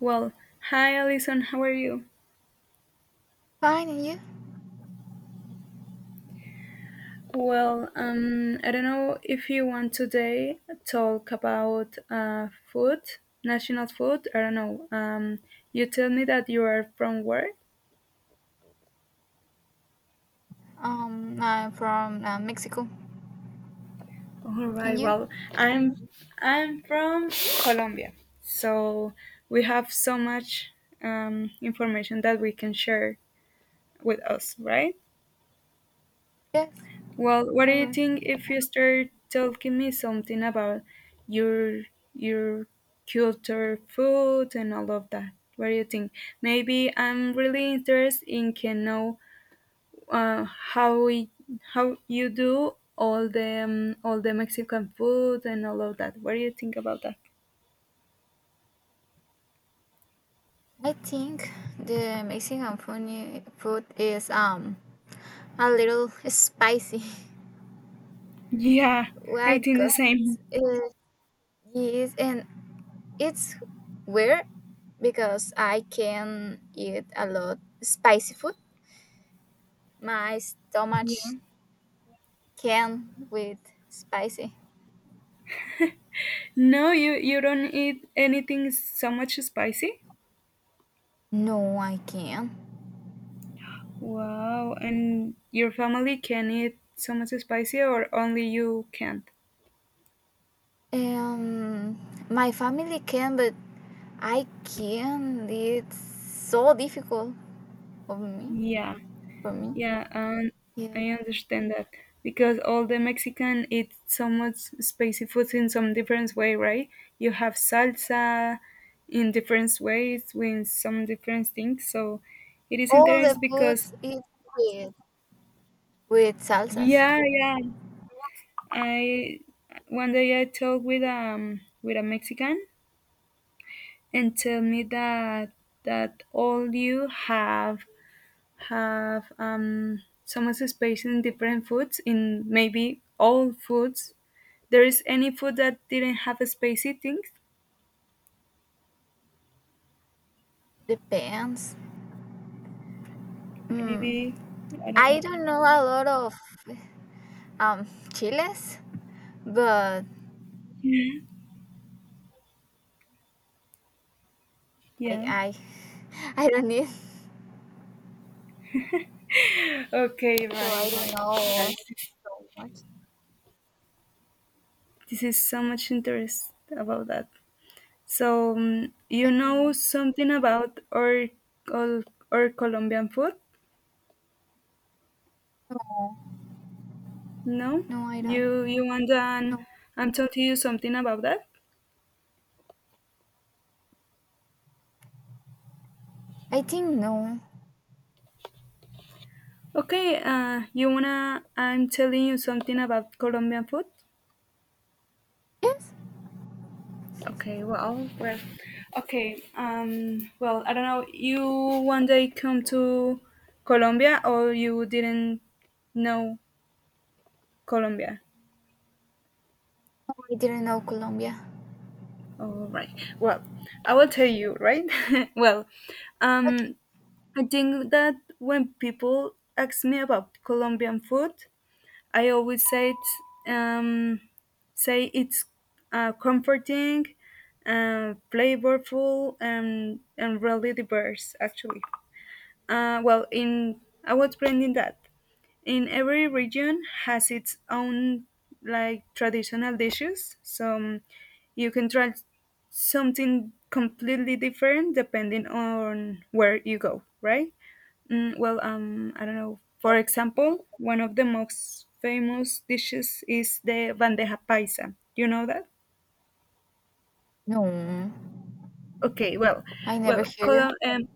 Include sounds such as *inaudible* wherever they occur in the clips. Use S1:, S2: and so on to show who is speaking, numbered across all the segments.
S1: Well, hi Alison, how are you?
S2: Fine, and you?
S1: Well, I don't know if you want today talk about food, national food. I don't know. You tell me that you are from where?
S2: I'm from Mexico.
S1: All
S2: And
S1: right.
S2: you?
S1: Well, I'm I'm from Colombia, so we have so much information that we can share with us, right?
S2: Yes.
S1: Well, what do
S2: All
S1: you
S2: right.
S1: think if you start telling me something about your your culture, food, and all of that? What do you think? Maybe I'm really interested in can know how we, how you do all the Mexican food and all of that. What do you think about that?
S2: I think the Mexican funny food is a little spicy.
S1: Yeah,
S2: *laughs* Why?
S1: I think the
S2: Because
S1: same.
S2: it is, and it's weird because I can eat a lot spicy food. My stomach
S1: Yeah.
S2: can with spicy.
S1: No, you don't eat anything so much spicy.
S2: No, I can't.
S1: Wow, and your family can eat so much spicy or only you can't?
S2: Um, my family can, but I can't. It's so difficult for me.
S1: Yeah,
S2: For me,
S1: yeah,
S2: yeah.
S1: I understand that because all the Mexican eat so much spicy food in some different way, right? You have salsa in different ways with some different things, so it is
S2: All the
S1: interesting
S2: food
S1: because
S2: is with with salsas.
S1: yeah, yeah, I one day I talked with a Mexican and tell me that all you have some participation in different foods in maybe all foods there is any food that didn't have a space eating
S2: Depends. Mm.
S1: maybe I don't
S2: I
S1: know
S2: don't know a lot of um chiles, but
S1: yeah.
S2: I *laughs* I don't need.
S1: Okay,
S2: So I
S1: right,
S2: don't
S1: right.
S2: know
S1: That's-
S2: so much.
S1: this is so much interest about that so you know
S2: Um,
S1: something about or or, or Colombian food.
S2: no,
S1: No,
S2: no, I don't.
S1: you want an
S2: No,
S1: I'm telling you something about that.
S2: I think no.
S1: Okay, you wanna I'm telling you something about Colombian food.
S2: Yes.
S1: Okay, okay, well, I don't know. You one day come to Colombia or you didn't know Colombia.
S2: No, I didn't know Colombia.
S1: All right. Well, I will tell you, right? *laughs* well,
S2: Okay.
S1: um, I think that when people ask me about Colombian food, I always um, say it's comforting, flavorful, and really diverse, actually. Well, in I was planning that. In every region has its own like traditional dishes, so you can try something completely different depending on where you go, right? Well, I don't know. For example, one of the most famous dishes is the bandeja paisa. You know that?
S2: No,
S1: Okay,
S2: I never hear.
S1: Colon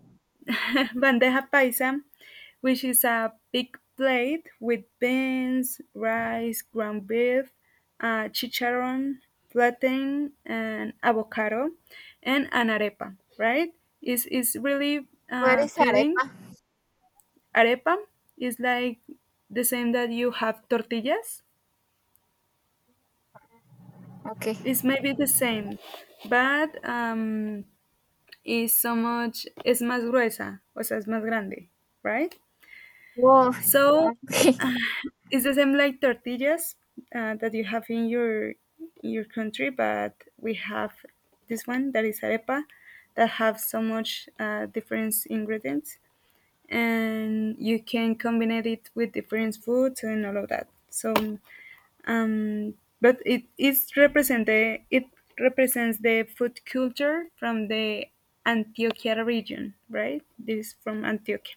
S1: *laughs* bandeja paisa, which is a big plate with beans, rice, ground beef, chicharron, plantain, and avocado, and an arepa. Right? Is really
S2: What is
S1: filling.
S2: arepa?
S1: Arepa is like the same that you have tortillas.
S2: Okay.
S1: It's maybe the same, but is so much, es más gruesa, o sea, es más grande, right?
S2: Woah,
S1: So
S2: okay,
S1: it's the same like tortillas that you have in your country, but we have this one that is arepa that have so much different ingredients, and you can combine it with different foods and all of that. So um, but it is represented it represents the food culture from the Antioquia region, right? This is from Antioquia,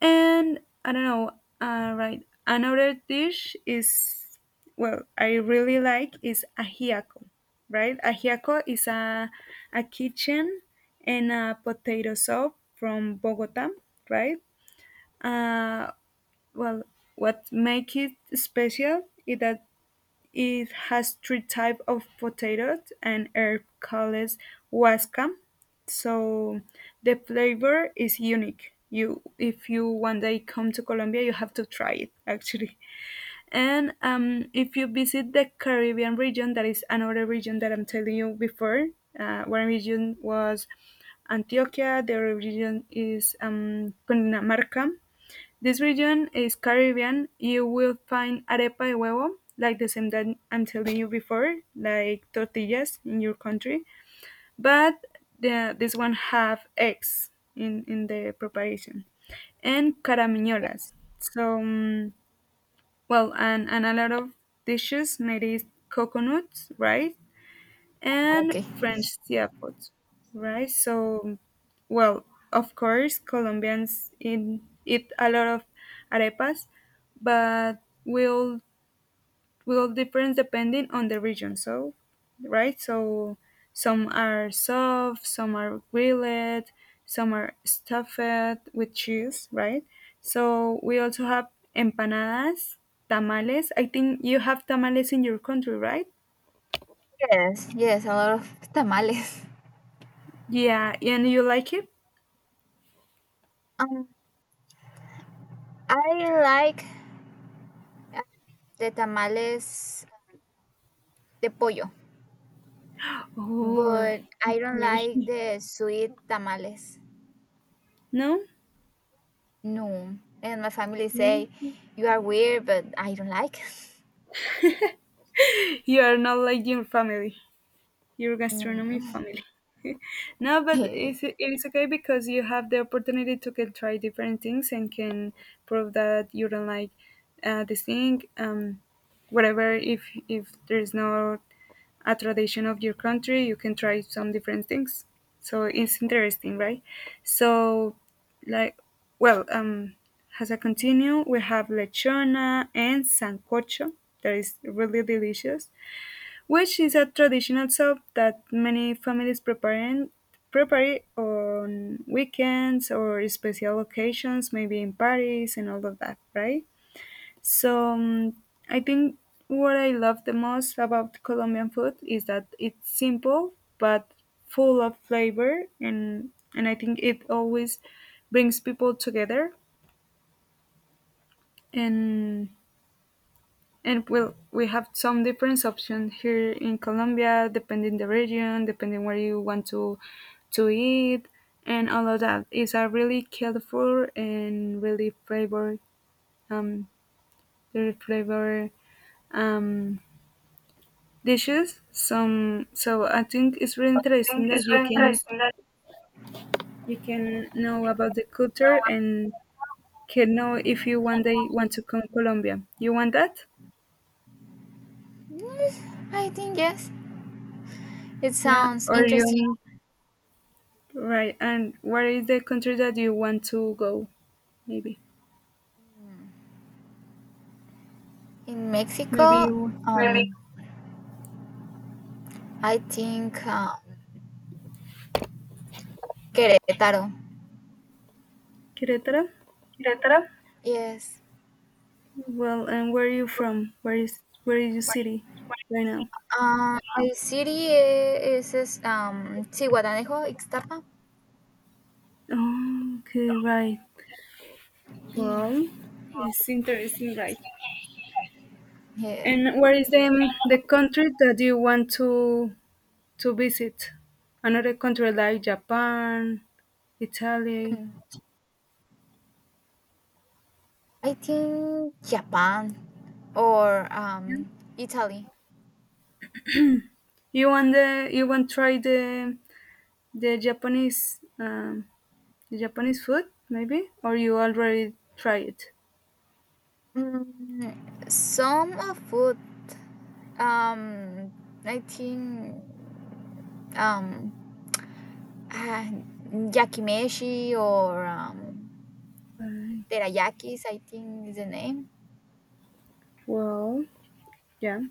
S1: and I don't know, right? Another dish is well, I really like is ajiaco, right? Ajiaco is a kitchen and a potato soup from Bogota, right? Uh, well, what makes it special is that it has three types of potatoes and herb called wascam. So the flavor is unique. You, if you one day come to Colombia, you have to try it actually. And if you visit the Caribbean region, that is another region that I'm telling you before. One region was Antioquia. The other region is Cundinamarca. This region is Caribbean. You will find arepa y huevo, like the same that I'm telling you before, like tortillas in your country, but this one have eggs in the preparation, and caramellas. So, well, and a lot of dishes made is coconuts, right?
S2: *laughs*
S1: And
S2: okay.
S1: French Siapot, right? So, well, of course, Colombians eat a lot of arepas, but will will difference depending on the region. So, right? So, some are soft, some are grilled, some are stuffed with cheese, right? So we also have empanadas, tamales. I think you have tamales in your country, right?
S2: Yes, yes, a lot of tamales.
S1: Yeah, and you like it?
S2: Um, I like uh, the tamales de pollo,
S1: Oh.
S2: but I don't
S1: Okay.
S2: like
S1: *laughs*
S2: the sweet tamales.
S1: No?
S2: No, and my family say
S1: Mm.
S2: you are weird, but I don't like.
S1: You are not like your family, your
S2: No,
S1: gastronomy
S2: *laughs*
S1: family. *laughs* No, but
S2: Eh,
S1: it's okay because you have the opportunity to can try different things and can prove that you don't like this thing, whatever. If there's no a tradition of your country, you can try some different things. So it's interesting, right? So, like, well, as I continue, we have lechona and sancocho that is really delicious which is a traditional soup that many families prepare on weekends or special occasions, maybe in parties and all of that, right? So I think what I love the most about Colombian food is that it's simple but full of flavor, and I think it always brings people together and and well, we have some different options here in Colombia, depending the region, depending where you want to eat, and all of that. It's a really colorful and um, really flavor um, dishes. Some so I think it's really interesting
S2: think
S1: that
S2: it's very interesting that
S1: you can know about the culture and can know if you one day want to come Colombia. You want that?
S2: yes, I think yes. It
S1: Yeah,
S2: sounds
S1: or
S2: interesting.
S1: you Right. And where is the country that you want to go? Maybe.
S2: In
S1: Maybe
S2: Mexico, we
S1: you
S2: make Really? I think Querétaro.
S1: Querétaro?
S2: Querétaro. Yes.
S1: Well, and where are you from? Where is your city right now?
S2: My city is, Zihuatanejo, Ixtapa.
S1: Oh, okay, right.
S2: Yeah.
S1: Well, it's interesting, right?
S2: Yeah.
S1: And where is the country that you want to visit? Another country like Japan, Italy.
S2: Mm. I think Japan or Italy.
S1: You want the you want try the Japanese Japanese food, maybe? Or you already tried it?
S2: Mm, some of food. Um, I think um uh, yakimeshi or teriyakis. I think is the name.
S1: Well, yeah.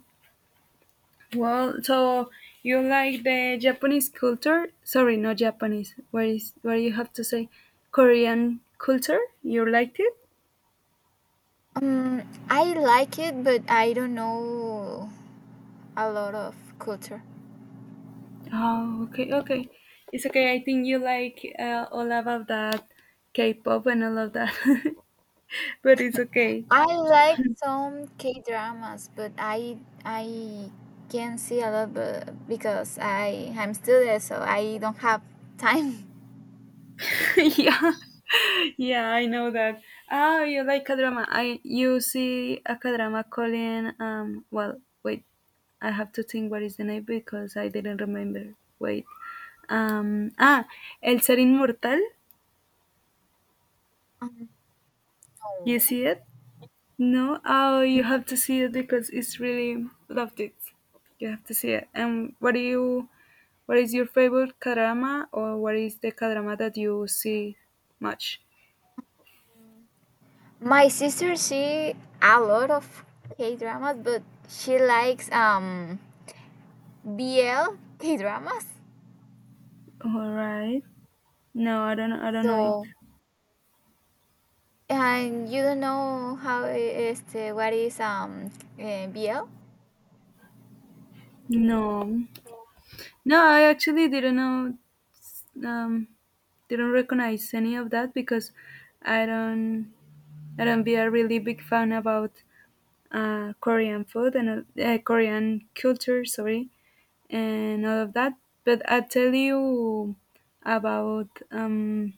S1: Well, so you like the Japanese culture? Sorry, not Japanese. What is what do you have to say? Korean culture? You liked it?
S2: Um, I like it, but I don't know a lot of culture.
S1: Oh, okay, okay. It's okay. I think you like all about that K-pop and all of that, *laughs* but it's okay.
S2: I like some K dramas, but I can see a lot but because I'm still there, so I don't have time. *laughs*
S1: *laughs* Yeah, yeah, I know that. Oh, you like a drama. I you see a drama calling. Well, wait, I have to think what is the name because I didn't remember. Wait, um, ah, El Ser Inmortal.
S2: Um,
S1: You
S2: no.
S1: see it? No. Oh, you have to see it because it's really loved it. You have to see it. And what do you? What is your favorite drama, or what is the drama that you see much?
S2: My sister she a lot of K dramas, but she likes BL K dramas.
S1: All right. No, I don't know it.
S2: So and you don't know how I- este what is eh, BL?
S1: No. No, I actually didn't know um didn't recognize any of that because I don't I don't be a really big fan about Korean food and Korean culture, sorry, and all of that. But I tell you about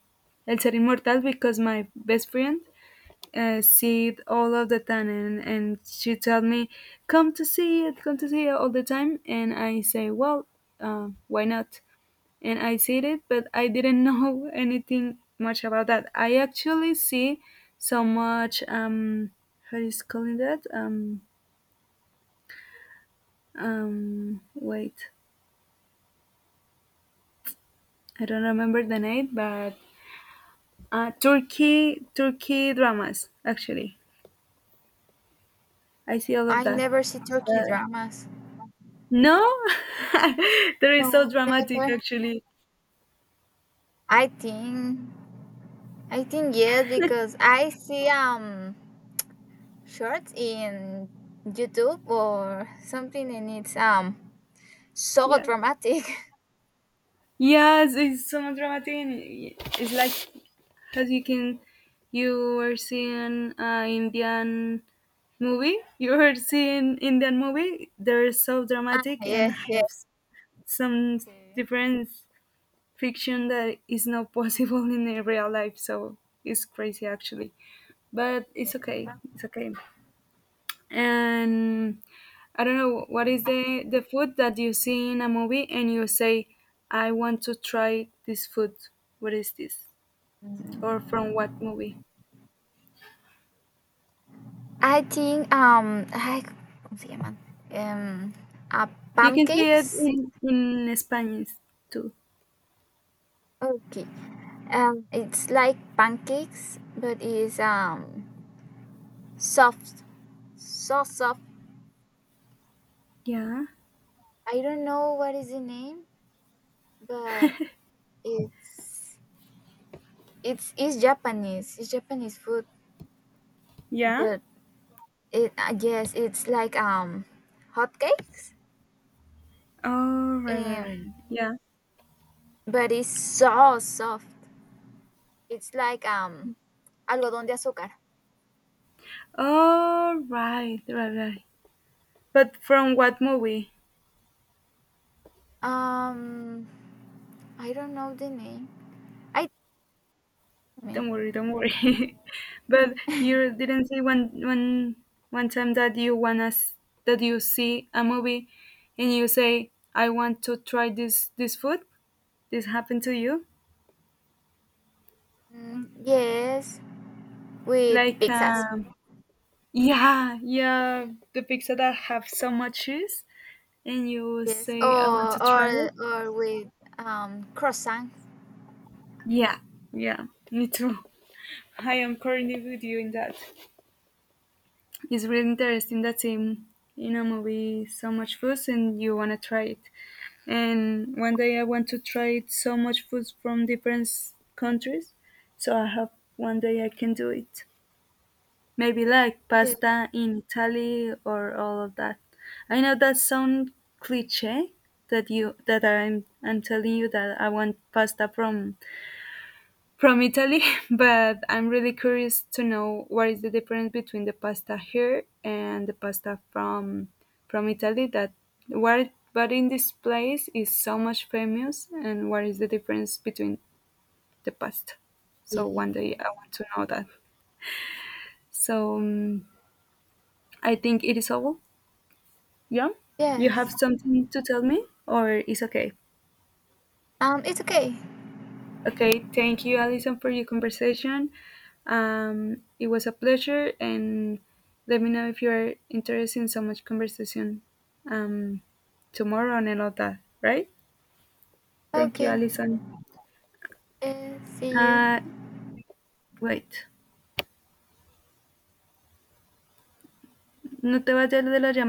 S1: El Ser Inmortal because my best friend see it all of the time, and she tell me, "Come to see it, come to see it all the time," and I say, "Well, why not?" And I did it, but I didn't know *laughs* anything much about that. I actually see so much how is calling that wait I don't remember the name, but Turkey dramas actually. I see all
S2: I
S1: of that.
S2: never see Turkey
S1: Uh,
S2: dramas.
S1: no, *laughs* they're
S2: No,
S1: so dramatic
S2: never.
S1: actually.
S2: I think I think yes because I see shorts in YouTube or something and it's so
S1: Yeah.
S2: dramatic. *laughs*
S1: Yes, it's so dramatic. And It's like as you can, you were seeing Indian movie. You were seeing Indian movie. They're so
S2: Ah
S1: dramatic and
S2: yes, yes.
S1: have some
S2: sí.
S1: different fiction that is not possible *laughs* in a real life. So it's crazy actually, but it's okay. It's okay and I don't know what is the food that you see in a movie and you say, I want to try this food. What is this? Or from what movie?
S2: I think ay, ¿cómo se llaman? Um uh,
S1: You can say it
S2: pancakes.
S1: in Spanish too.
S2: Okay. It's like pancakes but it's soft. So soft.
S1: Yeah.
S2: I don't know what is the name, but it's it's Japanese. It's Japanese food,
S1: Yeah?
S2: but it I guess it's like hotcakes.
S1: Oh right, right, right.
S2: Um,
S1: Yeah.
S2: but it's so soft. It's like algodón de azúcar.
S1: Oh right, right, right. But from what movie?
S2: Um, I don't know the name. I me.
S1: Don't worry, don't worry. *laughs* But you didn't say one time that you want us that you see a movie and you say, "I want to try this this food." This happened to you?
S2: Mm, yes, with
S1: Like,
S2: pizzas.
S1: yeah, yeah, the pizza that have so much cheese, and you
S2: Yes,
S1: say, "I want to
S2: or
S1: try
S2: or
S1: it."
S2: or with croissants.
S1: Yeah, yeah, me too. *laughs* I am currently with you in that. It's really interesting. That's in a movie so much food, and you want to try it. And one day I want to try so much food from different s- countries, so I hope one day I can do it. Maybe like
S2: Yeah.
S1: pasta in Italy or all of that. I know that sound cliche that you that I'm telling you that I want pasta from Italy, *laughs* but I'm really curious to know what is the difference between the pasta here and the pasta from Italy that what but in this place is so much famous and what is the difference between the pasta. So one day I
S2: Yes.
S1: want to know that. So I think it is all. Yeah. You have
S2: Yes.
S1: something to tell me or it's okay?
S2: It's okay.
S1: Okay, thank you, Alison, for your conversation. It was a pleasure, and let me know if you're interested in so much conversation um, tomorrow and all that, right? Thank you,
S2: Okay.
S1: Alison.
S2: See you.
S1: Uh, wait, no te vayas de la llamada.